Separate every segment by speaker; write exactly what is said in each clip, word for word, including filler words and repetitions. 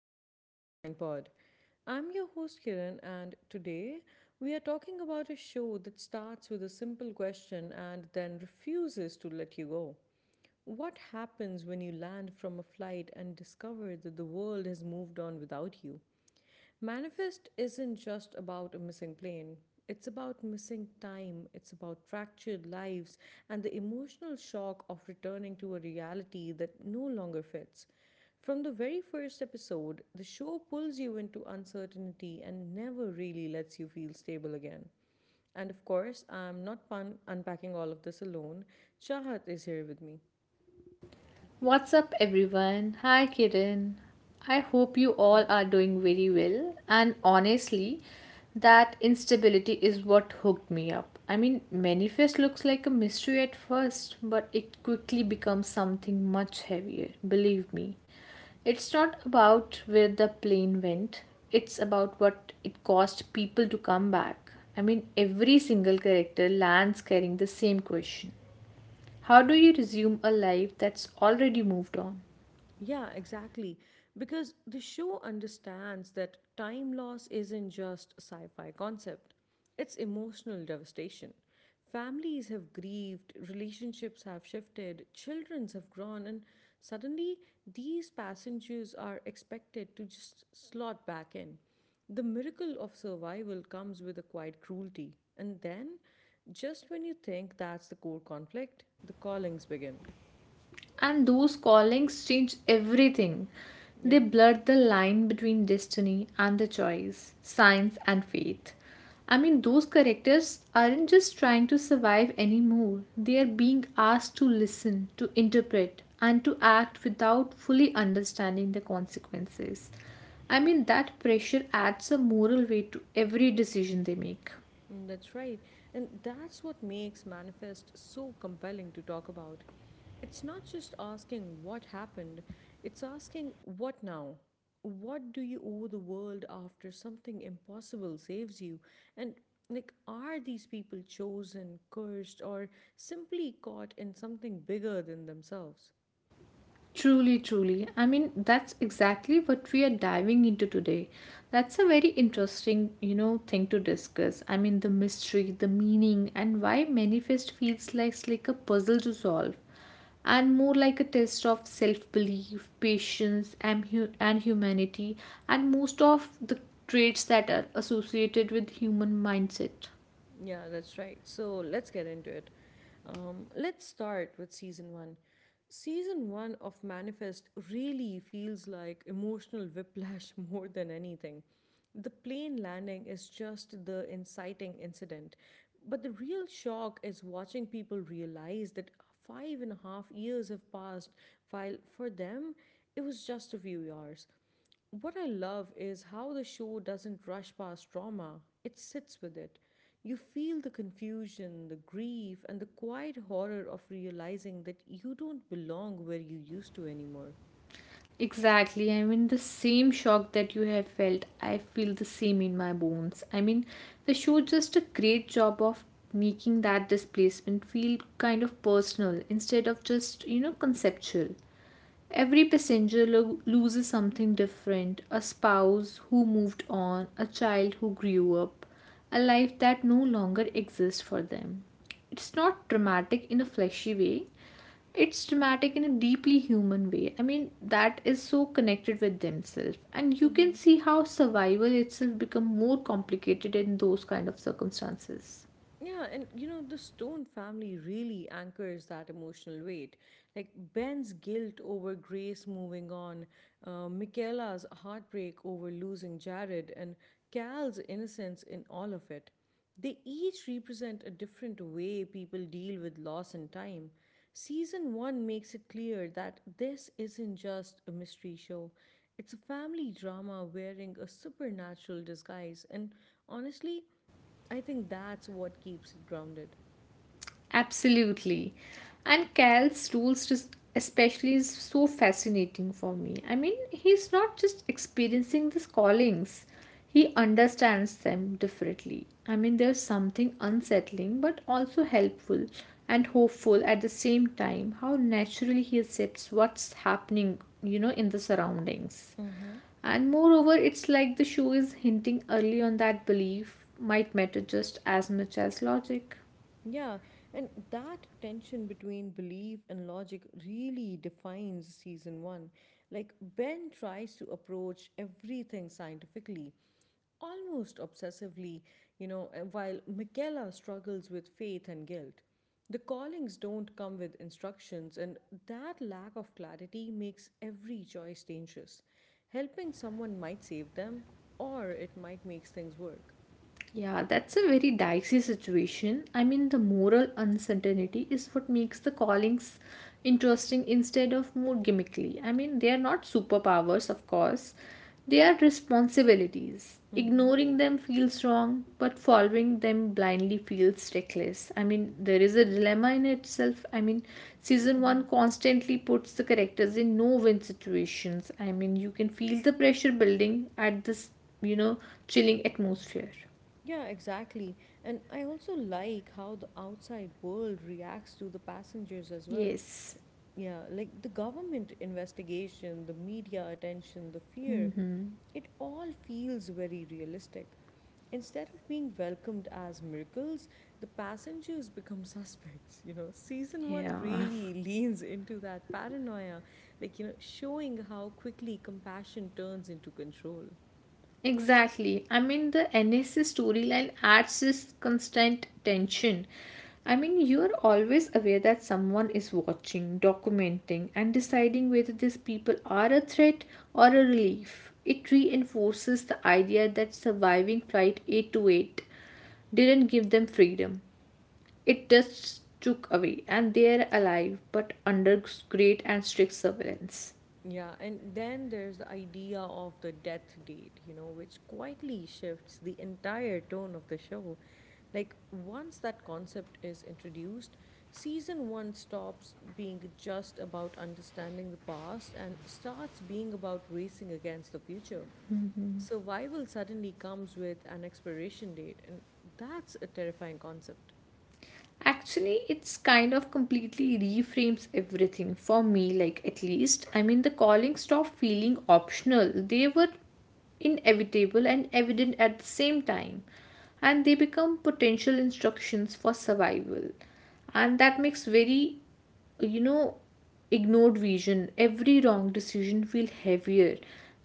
Speaker 1: to the Open Mind Pod. I'm your host Kiran, and today we are talking about a show that starts with a simple question and then refuses to let you go. What happens when you land from a flight and discover that the world has moved on without you? Manifest isn't just about a missing plane. It's about missing time, it's about fractured lives, and the emotional shock of returning to a reality that no longer fits. From the very first episode, the show pulls you into uncertainty and never really lets you feel stable again. And of course, I'm not pun- unpacking all of this alone. Chahat is here with me.
Speaker 2: What's up, everyone? Hi, Kiran. I hope you all are doing very well. And honestly, that instability is what hooked me up. I mean, Manifest looks like a mystery at first, but it quickly becomes something much heavier, believe me. It's not about where the plane went, it's about what it cost people to come back. I mean, every single character lands carrying the same question: how do you resume a life that's already moved on?
Speaker 1: Yeah, exactly. Because the show understands that time loss isn't just a sci fi concept, it's emotional devastation. Families have grieved, relationships have shifted, childrens have grown, and suddenly these passengers are expected to just slot back in. The miracle of survival comes with a quiet cruelty. And then, just when you think that's the core conflict, the callings begin.
Speaker 2: And those callings change everything. They
Speaker 1: Yeah.
Speaker 2: blur the line between destiny and the choice, science and faith. I mean, those characters aren't just trying to survive anymore, they are being asked to listen, to interpret, and to act without fully understanding the consequences. I mean, that pressure adds a moral weight to every decision they make.
Speaker 1: Mm, that's right. And that's what makes Manifest so compelling to talk about. It's not just asking what happened, it's asking what now? What do you owe the world after something impossible saves you? And like, are these people chosen, cursed, or simply caught in something bigger than themselves?
Speaker 2: Truly, truly. I mean, that's exactly what we are diving into today. That's a very interesting, you know, thing to discuss. I mean, the mystery, the meaning, and why Manifest feels like, like a puzzle to solve, and more like a test of self belief, patience, and, hu- and humanity, and most of the traits that are associated with human mindset.
Speaker 1: Yeah, that's right. So let's get into it. Um, let's start with season one. Season one of Manifest really feels like emotional whiplash more than anything. The plane landing is just the inciting incident, but the real shock is watching people realize that five and a half years have passed, while for them, it was just a few years. What I love is how the show doesn't rush past trauma, it sits with it. You feel the confusion, the grief, and the quiet horror of realizing that you don't belong where you used to anymore.
Speaker 2: Exactly. I mean, the same shock that you have felt, I feel the same in my bones. I mean, the show just a great job of making that displacement feel kind of personal instead of just, you know, conceptual. Every passenger lo- loses something different: a spouse who moved on, a child who grew up, a life that no longer exists for them. It's not dramatic in a fleshy way, it's dramatic in a deeply human way. I mean, that is so connected with themselves. And you can see how survival itself become more complicated in those kind of circumstances.
Speaker 1: Yeah, and you know, the Stone family really anchors that emotional weight. Like Ben's guilt over Grace moving on, uh, Michaela's heartbreak over losing Jared, and Cal's innocence in all of it. They each represent a different way people deal with loss and time. Season one makes it clear that this isn't just a mystery show. It's a family drama wearing a supernatural disguise, and honestly, I think that's what keeps it grounded.
Speaker 2: Absolutely. And Cal's rules just especially is so fascinating for me. I mean, he's not just experiencing these callings. He understands them differently. I mean, there's something unsettling but also helpful and hopeful at the same time how naturally he accepts what's happening, you know, in the surroundings.
Speaker 1: Mm-hmm.
Speaker 2: And moreover, it's like the show is hinting early on that belief might matter just as much as logic.
Speaker 1: Yeah, and that tension between belief and logic really defines season one. Like, Ben tries to approach everything scientifically, almost obsessively, you know, uh, while Michaela struggles with faith and guilt. The callings don't come with instructions, and that lack of clarity makes every choice dangerous. Helping someone might save them, or it might make things work.
Speaker 2: Yeah, that's a very dicey situation. I mean, the moral uncertainty is what makes the callings interesting instead of more gimmickly. I mean, they are not superpowers, of course, they are responsibilities.
Speaker 1: Mm-hmm.
Speaker 2: Ignoring them feels wrong, but following them blindly feels reckless. I mean, there is a dilemma in itself. I mean, season one
Speaker 1: Mm-hmm.
Speaker 2: constantly puts the characters in no win situations. I mean, you can feel the pressure building at this, you know, chilling atmosphere.
Speaker 1: Yeah, exactly. And I also like how the outside world reacts to the passengers as well.
Speaker 2: Yes.
Speaker 1: Yeah, like the government investigation, the media attention, the fear,
Speaker 2: Hmm.
Speaker 1: it all feels very realistic. Instead of being welcomed as miracles, the passengers become suspects. You know, season one
Speaker 2: Yeah.
Speaker 1: really leans into that paranoia, like, you know, showing how quickly compassion turns into control.
Speaker 2: Exactly. I mean, the N S A storyline adds this constant tension. I mean, you're always aware that someone is watching, documenting, and deciding whether these people are a threat or a relief. It reinforces the idea that surviving Flight eight two eight didn't give them freedom. It just took away, and they are alive but under great and strict surveillance.
Speaker 1: Yeah, and then there's the idea of the death date, you know, which quietly shifts the entire tone of the show. Like, once that concept is introduced, season one stops being just about understanding the past and starts being about racing against the future. Survival suddenly comes with an expiration date, and that's a terrifying concept.
Speaker 2: Actually, it's kind of completely reframes everything for me, like at least. I mean, the calling stopped feeling optional. They were inevitable and evident at the same time, and they become potential instructions for survival. And that makes very you know ignored vision every wrong decision feel heavier,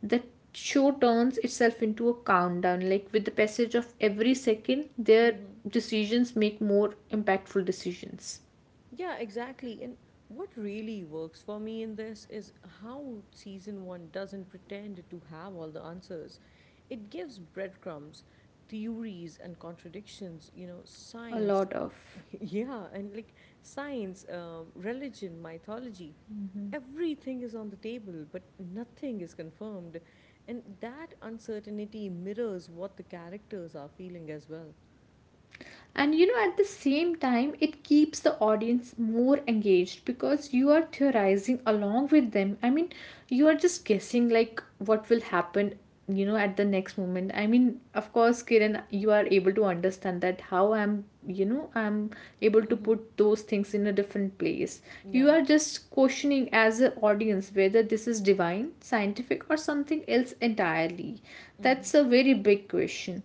Speaker 2: the show turns itself into a countdown like with the passage of every second their
Speaker 1: Hmm.
Speaker 2: decisions make more impactful decisions.
Speaker 1: Yeah, exactly. And what really works for me in this is how season one doesn't pretend to have all the answers. It gives breadcrumbs, theories, and contradictions, you know,
Speaker 2: A
Speaker 1: science.
Speaker 2: lot of,
Speaker 1: Yeah, and like science, um, religion, mythology. Everything is on the table, but nothing is confirmed. And that uncertainty mirrors what the characters are feeling as well.
Speaker 2: and you know at the same time it keeps the audience more engaged because you are theorizing along with them. I mean, you are just guessing like what will happen you know at the next moment. I mean, of course, Kiran, you are able to understand that how I'm you know I'm able to
Speaker 1: Mm-hmm.
Speaker 2: put those things in a different place. You
Speaker 1: Yeah.
Speaker 2: are just questioning as an audience whether this is divine, scientific, or something else entirely.
Speaker 1: Mm-hmm.
Speaker 2: That's a very big question.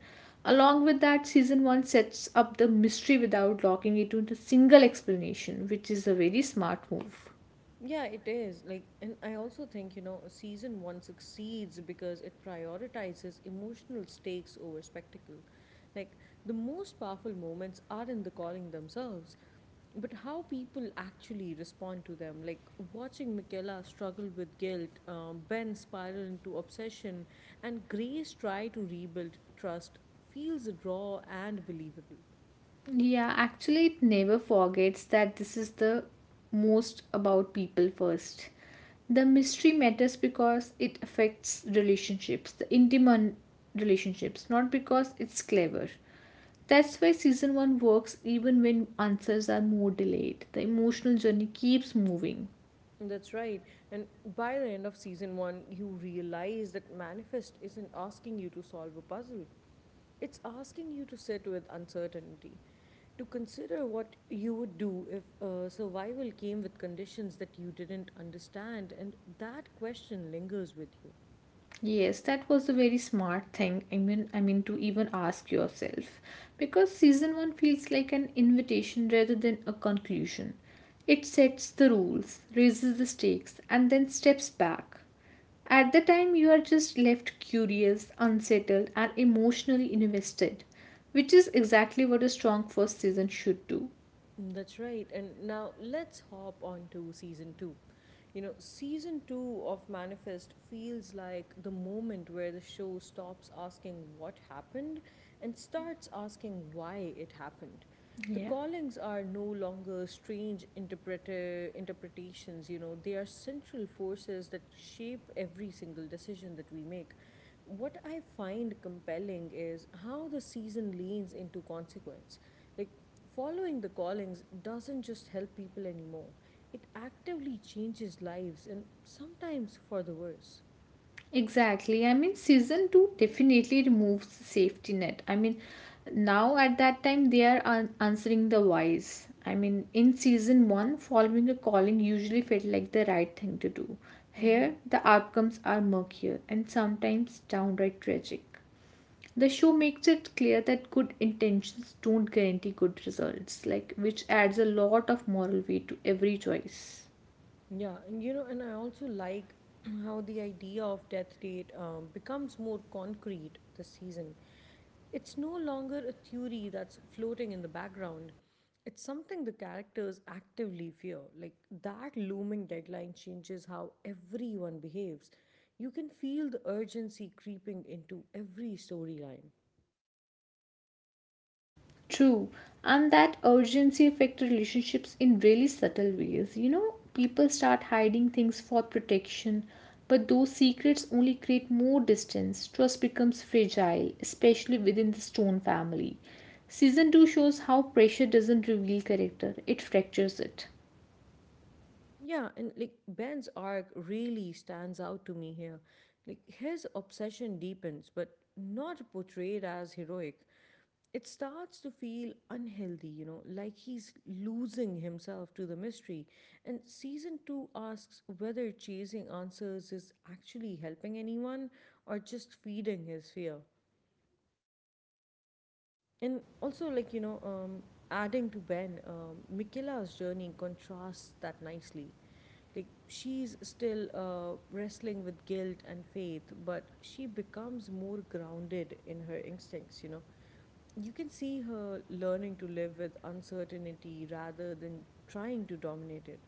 Speaker 2: Along with that, season one sets up the mystery without locking it into a single explanation, which is a very smart move.
Speaker 1: Yeah, it is. Like, and I also think, you know, season one succeeds because it prioritizes emotional stakes over spectacle. Like, the most powerful moments are in the calling themselves, but how people actually respond to them. Like, watching Michaela struggle with guilt, um, Ben spiral into obsession, and Grace try to rebuild trust feels raw and believable.
Speaker 2: Yeah, actually, it never forgets that this is the most about people first. The mystery matters because it affects relationships, the intimate relationships, not because it's clever. That's why season one works even when answers are more delayed. The emotional journey keeps moving.
Speaker 1: That's right. And by the end of season one, you realize that Manifest isn't asking you to solve a puzzle. It's asking you to sit with uncertainty, to consider what you would do if uh, survival came with conditions that you didn't understand, and that question lingers with you.
Speaker 2: Yes, that was a very smart thing. I mean, I mean to even ask yourself, because season one feels like an invitation rather than a conclusion. It sets the rules, raises the stakes, and then steps back. At the time, you are just left curious, unsettled, and emotionally invested, which is exactly what a strong first season should do.
Speaker 1: That's right. And now let's hop on to season two. You know, season two of Manifest feels like the moment where the show stops asking what happened and starts asking why it happened. The
Speaker 2: Yeah.
Speaker 1: callings are no longer strange interpreter interpretations, you know, they are central forces that shape every single decision that we make. What I find compelling is how the season leans into consequence. Like following the callings doesn't just help people anymore, it actively changes lives and sometimes for the worse.
Speaker 2: Exactly. I mean, season two definitely removes the safety net. I mean, now at that time they are an- answering the whys. I mean, in season one, following a calling usually felt like the right thing to do.
Speaker 1: Mm-hmm.
Speaker 2: Here, the outcomes are murkier and sometimes downright tragic. The show makes it clear that good intentions don't guarantee good results, like which adds a lot of moral weight to every choice.
Speaker 1: Yeah, and you know, and I also like how the idea of death rate um, becomes more concrete this season. It's no longer a theory that's floating in the background. It's something the characters actively fear. Like that looming deadline changes how everyone behaves. You can feel the urgency creeping into every storyline.
Speaker 2: True, and that urgency affects relationships in really subtle ways. You know, people start hiding things for protection, but those secrets only create more distance. Trust becomes fragile, especially within the Stone family. Season two shows how pressure doesn't reveal character, it fractures it.
Speaker 1: Yeah, and like Ben's arc really stands out to me here. Like his obsession deepens, but not portrayed as heroic. It starts to feel unhealthy, you know, like he's losing himself to the mystery. And season two asks whether chasing answers is actually helping anyone or just feeding his fear. And also, like, you know, um, adding to Ben, um, Michaela's journey contrasts that nicely. Like, she's still uh, wrestling with guilt and faith, but she becomes more grounded in her instincts, you know. You can see her learning to live with uncertainty rather than trying to dominate it.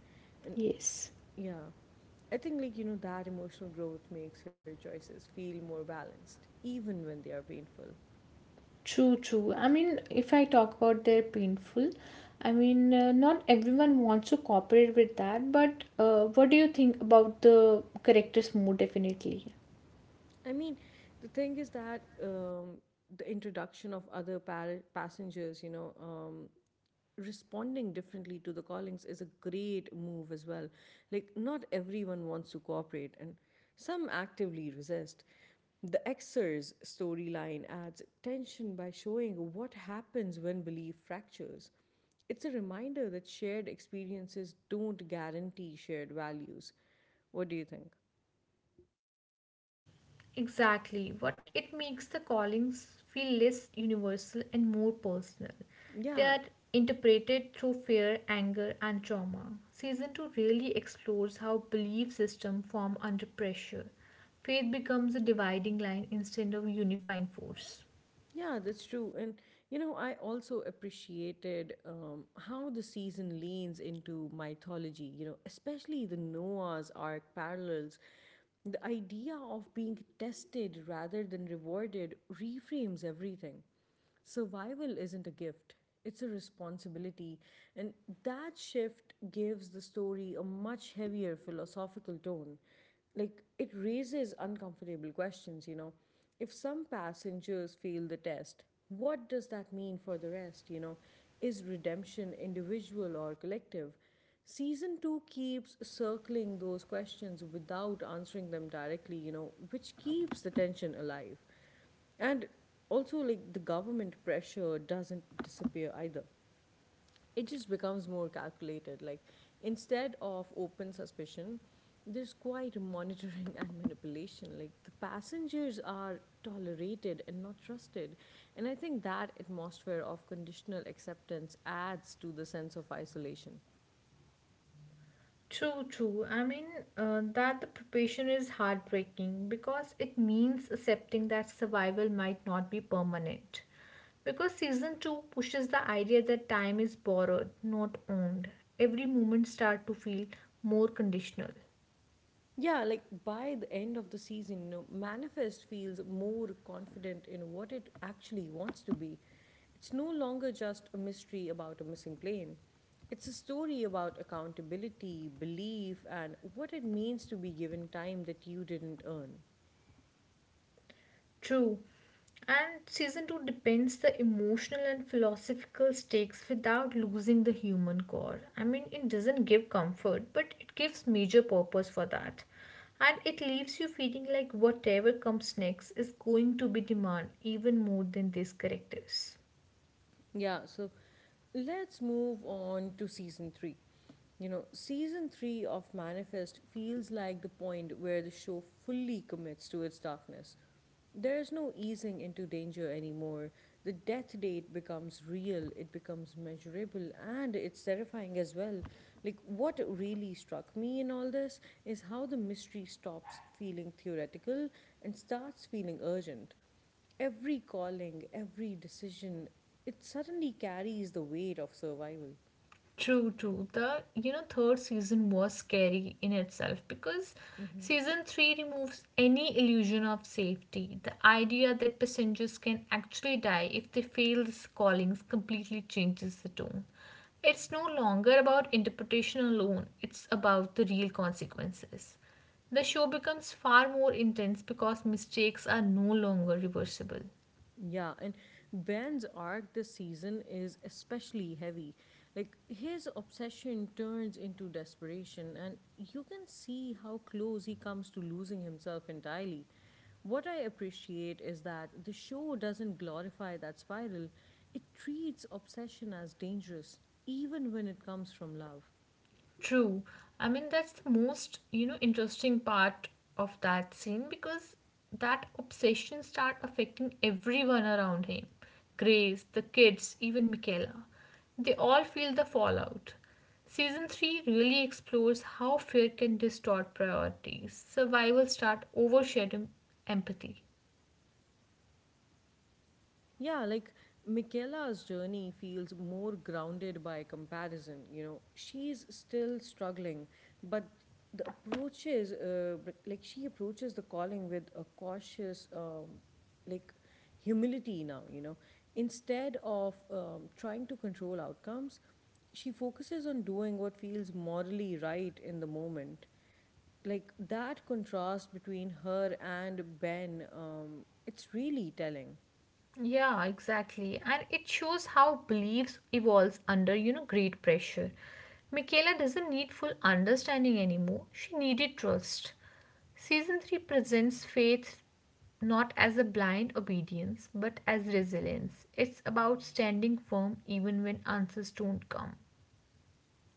Speaker 1: And
Speaker 2: Yes.
Speaker 1: yeah, I think, like, you know, that emotional growth makes her choices feel more balanced, even when they are painful.
Speaker 2: True, true. I mean, if I talk about their painful, I mean, uh, not everyone wants to cooperate with that, but uh, what do you think about the character's mood, definitely?
Speaker 1: I mean, the thing is that um, the introduction of other par- passengers, you know, um, responding differently to the callings is a great move as well. Like, not everyone wants to cooperate, and some actively resist. The Xers storyline adds tension by showing what happens when belief fractures. It's a reminder that shared experiences don't guarantee shared values. What do you think?
Speaker 2: Exactly. What it makes the callings feel less universal and more personal. They
Speaker 1: Yeah,
Speaker 2: are interpreted through fear, anger, and trauma. Season two really explores how belief systems form under pressure. Faith becomes a dividing line instead of unifying force.
Speaker 1: yeah, that's true. And, you know, I also appreciated um, how the season leans into mythology, you know, especially the Noah's Ark parallels. The idea of being tested rather than rewarded reframes everything. Survival isn't a gift, it's a responsibility, and that shift gives the story a much heavier philosophical tone. Like, it raises uncomfortable questions, you know. If some passengers fail the test, what does that mean for the rest, you know? Is redemption individual or collective? Season two keeps circling those questions without answering them directly, you know, which keeps the tension alive. And also, like the government pressure doesn't disappear either. It just becomes more calculated. Like instead of open suspicion, there's quite monitoring and manipulation. Like the passengers are tolerated and not trusted. And I think that atmosphere of conditional acceptance adds to the sense of isolation.
Speaker 2: True, true. I mean, uh, that the preparation is heartbreaking because it means accepting that survival might not be permanent. Because season two pushes the idea that time is borrowed, not owned. Every moment start to feel more conditional.
Speaker 1: Yeah, like by the end of the season, you know, Manifest feels more confident in what it actually wants to be. It's no longer just a mystery about a missing plane. It's a story about accountability, belief, and what it means to be given time that you didn't earn.
Speaker 2: True. And season two depends the emotional and philosophical stakes without losing the human core. I mean, it doesn't give comfort, but it gives major purpose for that. And it leaves you feeling like whatever comes next is going to be demand even more than these characters.
Speaker 1: Yeah, so let's move on to season three. You know, season three of Manifest feels like the point where the show fully commits to its darkness. There's no easing into danger anymore. The death date becomes real, it becomes measurable, and it's terrifying as well. Like, what really struck me in all this is how the mystery stops feeling theoretical and starts feeling urgent. Every calling, every decision, it suddenly carries the weight of survival.
Speaker 2: True, true. The you know third season was scary in itself because season three removes any illusion of safety. The idea that passengers can actually die if they fail these callings completely changes the tone. It's no longer about interpretation alone, it's about the real consequences. The show becomes far more intense because mistakes are no longer reversible.
Speaker 1: Yeah, and Ben's arc this season is especially heavy. Like, his obsession turns into desperation, and you can see how close he comes to losing himself entirely. What I appreciate is that the show doesn't glorify that spiral, it treats obsession as dangerous, even when it comes from love.
Speaker 2: True. I mean, that's the most, you know, interesting part of that scene because that obsession start affecting everyone around him. Grace, the kids, even Michaela. They all feel the fallout. Season three really explores how fear can distort priorities. Survival start overshadowing empathy.
Speaker 1: Yeah, like Michaela's journey feels more grounded by comparison. You know, she's still struggling, but the approaches, uh, b- like she approaches the calling with a cautious, um, like humility now, you know. Instead of um, trying to control outcomes, she focuses on doing what feels morally right in the moment, like that contrast between her and Ben, um, it's really telling.
Speaker 2: Yeah, exactly. And it shows how beliefs evolves under, you know, great pressure. Michaela doesn't need full understanding anymore. She needed trust. Season three presents faith not as a blind obedience, but as resilience. It's about standing firm even when answers don't come.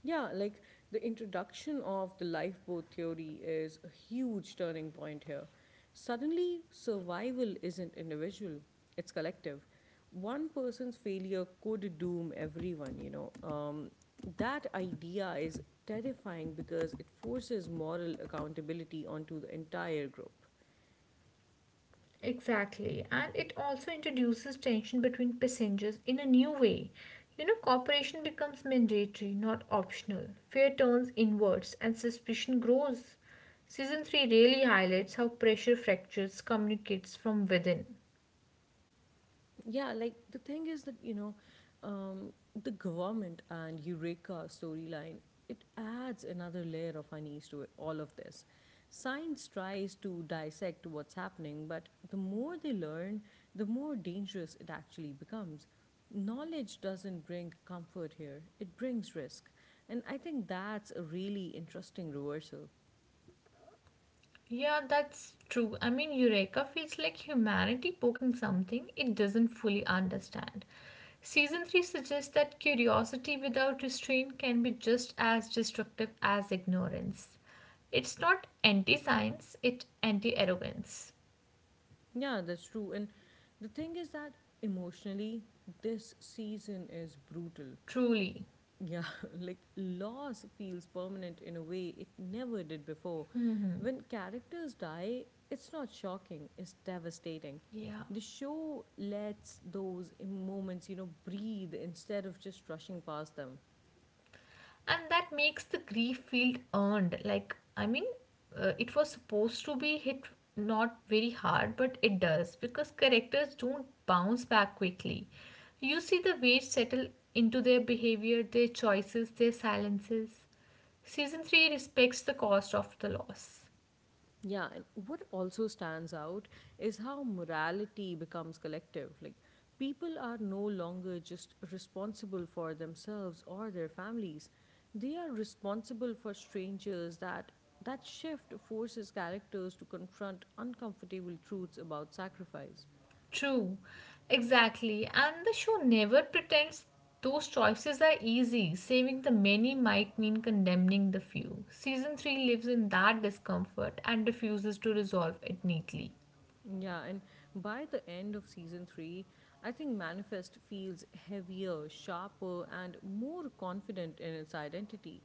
Speaker 1: Yeah, like the introduction of the lifeboat theory is a huge turning point here. Suddenly, survival isn't individual, it's collective. One person's failure could doom everyone, you know. Um, that idea is terrifying because it forces moral accountability onto the entire group.
Speaker 2: Exactly, and it also introduces tension between passengers in a new way. You know, cooperation becomes mandatory, not optional. Fear turns inwards and suspicion grows. Season three really highlights how pressure fractures communicates from within.
Speaker 1: Yeah, like the thing is that you know um, the government and Eureka storyline, it adds another layer of unease to it, all of this. Science tries to dissect what's happening, but the more they learn, the more dangerous it actually becomes. Knowledge doesn't bring comfort here, it brings risk, and I think that's a really interesting reversal.
Speaker 2: Yeah, that's true. I mean, Eureka feels like humanity poking something it doesn't fully understand. Season three suggests that curiosity without restraint can be just as destructive as ignorance. It's not anti science, it's anti arrogance.
Speaker 1: Yeah, that's true. And the thing is that emotionally, this season is brutal.
Speaker 2: Truly.
Speaker 1: Yeah, like loss feels permanent in a way it never did before. When characters die, it's not shocking, it's devastating.
Speaker 2: Yeah.
Speaker 1: The show lets those moments, you know, breathe instead of just rushing past them.
Speaker 2: And that makes the grief feel earned. Like, I mean, uh, it was supposed to be hit not very hard, but it does because characters don't bounce back quickly. You see the weight settle into their behavior, their choices, their silences. Season three respects the cost of the loss.
Speaker 1: Yeah, and what also stands out is how morality becomes collective. Like, people are no longer just responsible for themselves or their families, they are responsible for strangers that. That shift forces characters to confront uncomfortable truths about sacrifice.
Speaker 2: True, exactly. And the show never pretends those choices are easy. Saving the many might mean condemning the few. Season three lives in that discomfort and refuses to resolve it neatly.
Speaker 1: Yeah, and by the end of season three, I think Manifest feels heavier, sharper, and more confident in its identity.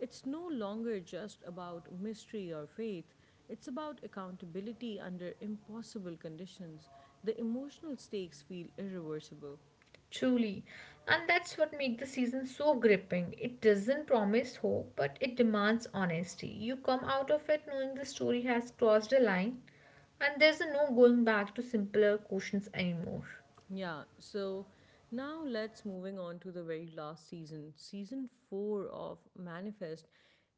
Speaker 1: It's no longer just about mystery or faith, it's about accountability under impossible conditions. The emotional stakes feel irreversible.
Speaker 2: Truly. And that's what makes the season so gripping. It doesn't promise hope, but it demands honesty. You come out of it knowing the story has crossed a line, and there's no going back to simpler questions anymore.
Speaker 1: Yeah, so now let's moving on to the very last season, season four of Manifest.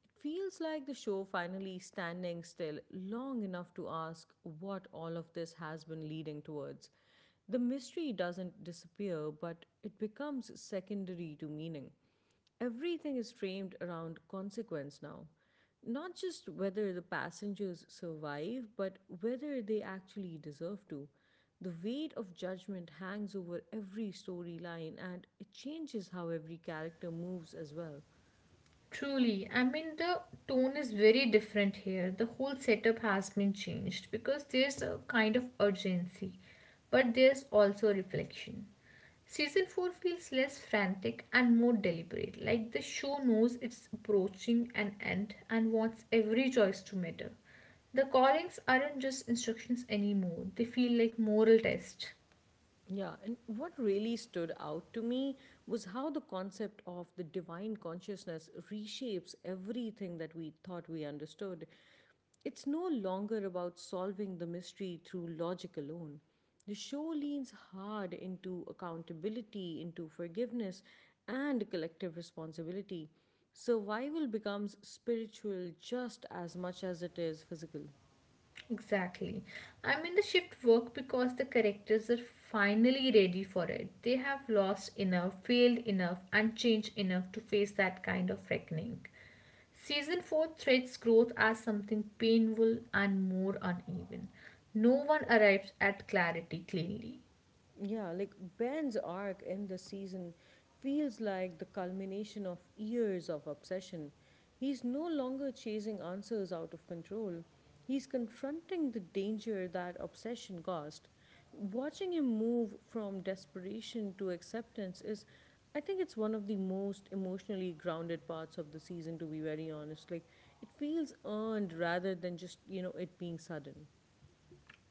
Speaker 1: It feels like the show finally standing still long enough to ask what all of this has been leading towards. The mystery doesn't disappear, but it becomes secondary to meaning. Everything is framed around consequence now. Not just whether the passengers survive, but whether they actually deserve to. The weight of judgment hangs over every storyline, and it changes how every character moves as well.
Speaker 2: Truly, I mean, the tone is very different here. The whole setup has been changed because there's a kind of urgency, but there's also reflection. Season four feels less frantic and more deliberate, like the show knows it's approaching an end and wants every choice to matter. The callings aren't just instructions anymore, they feel like moral tests.
Speaker 1: Yeah, and what really stood out to me was how the concept of the divine consciousness reshapes everything that we thought we understood. It's no longer about solving the mystery through logic alone. The show leans hard into accountability, into forgiveness, and collective responsibility. Survival becomes spiritual just as much as it is physical.
Speaker 2: Exactly. I am in the shift work because the characters are finally ready for it. They have lost enough, failed enough, and changed enough to face that kind of reckoning. Season four threads growth as something painful and more uneven. No one arrives at clarity cleanly.
Speaker 1: Yeah, like Ben's arc in the season feels like the culmination of years of obsession. He's no longer chasing answers out of control. He's confronting the danger that obsession caused. Watching him move from desperation to acceptance is, I think it's one of the most emotionally grounded parts of the season, to be very honest. Like, it feels earned rather than just, you know, it being sudden.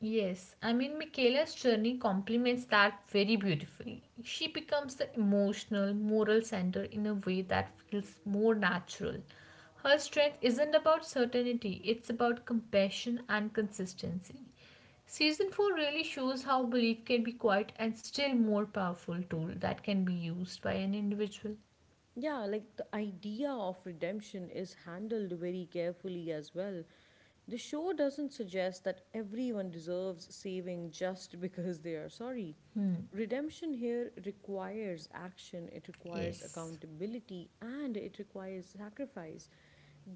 Speaker 2: Yes, I mean, Michaela's journey complements that very beautifully. She becomes the emotional, moral center in a way that feels more natural. Her strength isn't about certainty, it's about compassion and consistency. Season four really shows how belief can be quite and still more powerful tool that can be used by an individual.
Speaker 1: Yeah, like the idea of redemption is handled very carefully as well. The show doesn't suggest that everyone deserves saving just because they are sorry. Redemption here requires action, it requires
Speaker 2: Yes.
Speaker 1: accountability, and it requires sacrifice.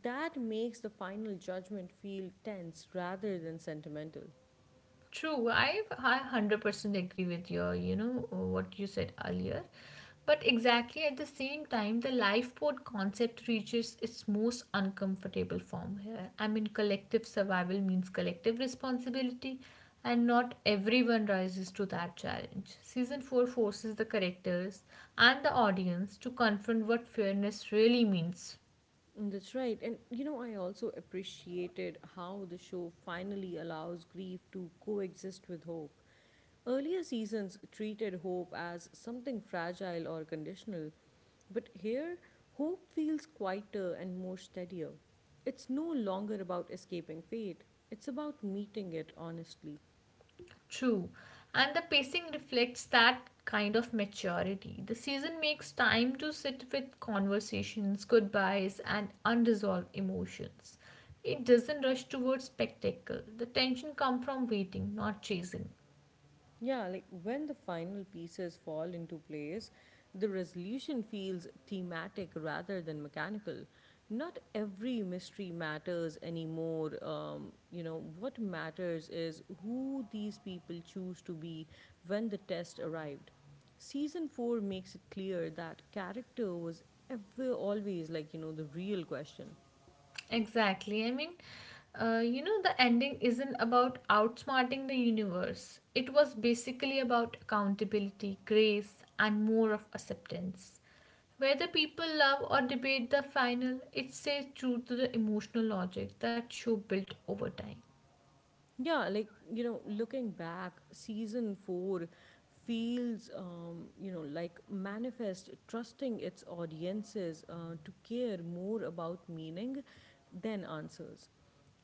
Speaker 1: That makes the final judgment feel tense rather than sentimental.
Speaker 2: True, I I one hundred percent agree with your, you know, what you said earlier. But exactly at the same time, the lifeboat concept reaches its most uncomfortable form here. I mean, collective survival means collective responsibility, and not everyone rises to that challenge. Season four forces the characters and the audience to confront what fairness really means.
Speaker 1: Mm, that's right. And you know, I also appreciated how the show finally allows grief to coexist with hope. Earlier seasons treated hope as something fragile or conditional, but here hope feels quieter and more steadier. It's no longer about escaping fate, it's about meeting it honestly.
Speaker 2: True. And the pacing reflects that kind of maturity. The season makes time to sit with conversations, goodbyes, and unresolved emotions. It doesn't rush towards spectacle. The tension comes from waiting, not chasing.
Speaker 1: Yeah, like when the final pieces fall into place, the resolution feels thematic rather than mechanical. Not every mystery matters anymore. Um, you know, what matters is who these people choose to be when the test arrived. Season four makes it clear that character was ever always like, you know, the real question.
Speaker 2: Exactly. I mean, uh, you know, the ending isn't about outsmarting the universe. It was basically about accountability, grace, and more of acceptance. Whether people love or debate the final, it stays true to the emotional logic that show built over time.
Speaker 1: Yeah, like, you know, looking back, season four feels, um, you know, like Manifest trusting its audiences uh, to care more about meaning than answers.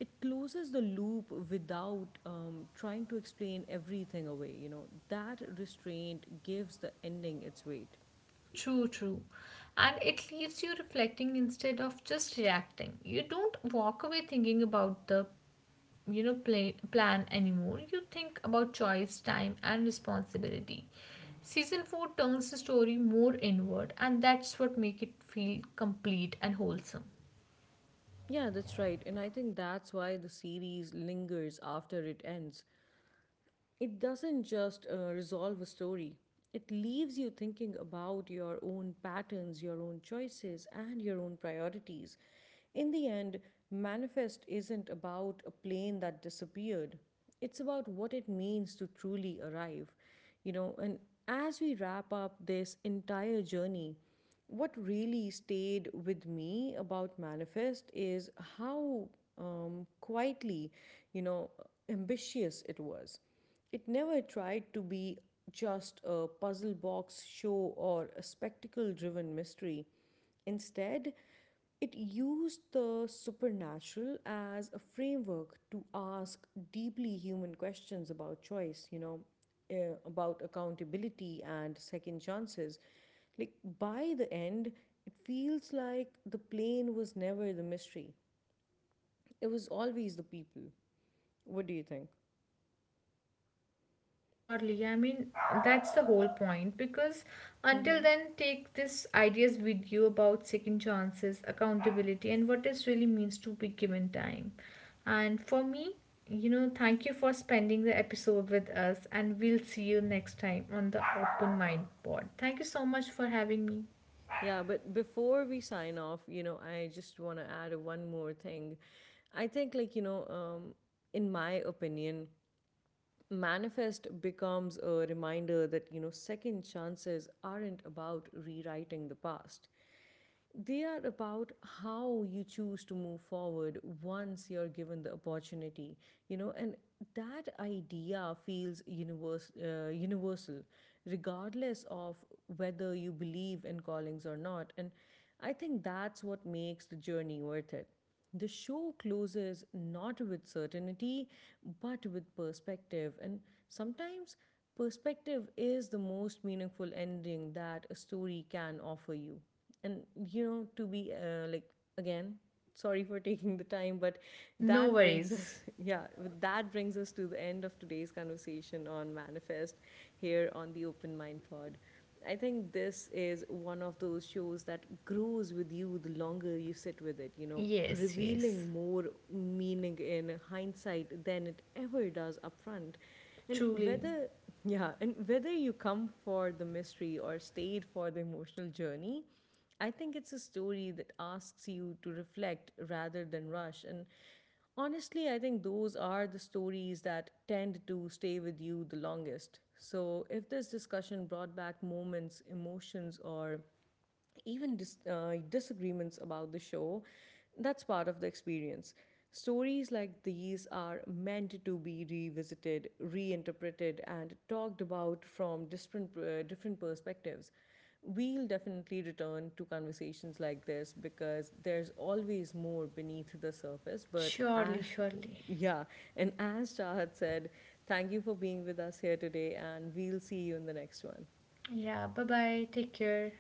Speaker 1: It closes the loop without um, trying to explain everything away, you know. That restraint gives the ending its weight.
Speaker 2: True, true. And it leaves you reflecting instead of just reacting. You don't walk away thinking about the you know play, plan anymore. You think about choice, time, and responsibility. Season four turns the story more inward, and that's what makes it feel complete and wholesome.
Speaker 1: Yeah, that's right. And I think that's why the series lingers after it ends. It doesn't just uh, resolve a story, it leaves you thinking about your own patterns, your own choices, and your own priorities. In the end, Manifest isn't about a plane that disappeared, it's about what it means to truly arrive, you know. And as we wrap up this entire journey, what really stayed with me about Manifest is how, um, quietly, you know, ambitious it was. It never tried to be just a puzzle box show or a spectacle driven mystery. Instead, it used the supernatural as a framework to ask deeply human questions about choice, you know, uh, about accountability and second chances. Like, by the end, it feels like the plane was never the mystery, it was always the people. What do you think?
Speaker 2: Surely, I mean, that's the whole point because until
Speaker 1: Mm-hmm.
Speaker 2: then, take this ideas with you about second chances, accountability, and what it really means to be given time. And for me, you know, thank you for spending the episode with us, and we'll see you next time on the Open Mind Pod. Thank you so much for having me.
Speaker 1: Yeah, but before we sign off, you know, I just want to add one more thing. I think, like, you know, um, in my opinion, Manifest becomes a reminder that you know second chances aren't about rewriting the past, they are about how you choose to move forward once you're given the opportunity, you know. And that idea feels universe, uh, universal, regardless of whether you believe in callings or not. And I think that's what makes the journey worth it. The show closes not with certainty, but with perspective. And sometimes perspective is the most meaningful ending that a story can offer you. And you know, to be uh, like, again, sorry for taking the time, but
Speaker 2: No
Speaker 1: that brings
Speaker 2: worries.
Speaker 1: us yeah with- that brings us to the end of today's conversation on Manifest here on the Open Mind Pod. I think this is one of those shows that grows with you the longer you sit with it, you know,
Speaker 2: Yes, yes.
Speaker 1: revealing more meaning in hindsight than it ever does upfront. and
Speaker 2: Truly,
Speaker 1: whether yeah and whether you come for the mystery or stayed for the emotional journey, I think it's a story that asks you to reflect rather than rush. And honestly, I think those are the stories that tend to stay with you the longest. So if this discussion brought back moments, emotions, or even dis- uh, disagreements about the show, that's part of the experience. Stories like these are meant to be revisited, reinterpreted, and talked about from different, uh, different perspectives. We'll definitely return to conversations like this because there's always more beneath the surface. But
Speaker 2: surely,
Speaker 1: as,
Speaker 2: surely.
Speaker 1: yeah, and as Chahat said, thank you for being with us here today, and we'll see you in the next one.
Speaker 2: Yeah, bye bye. Take care.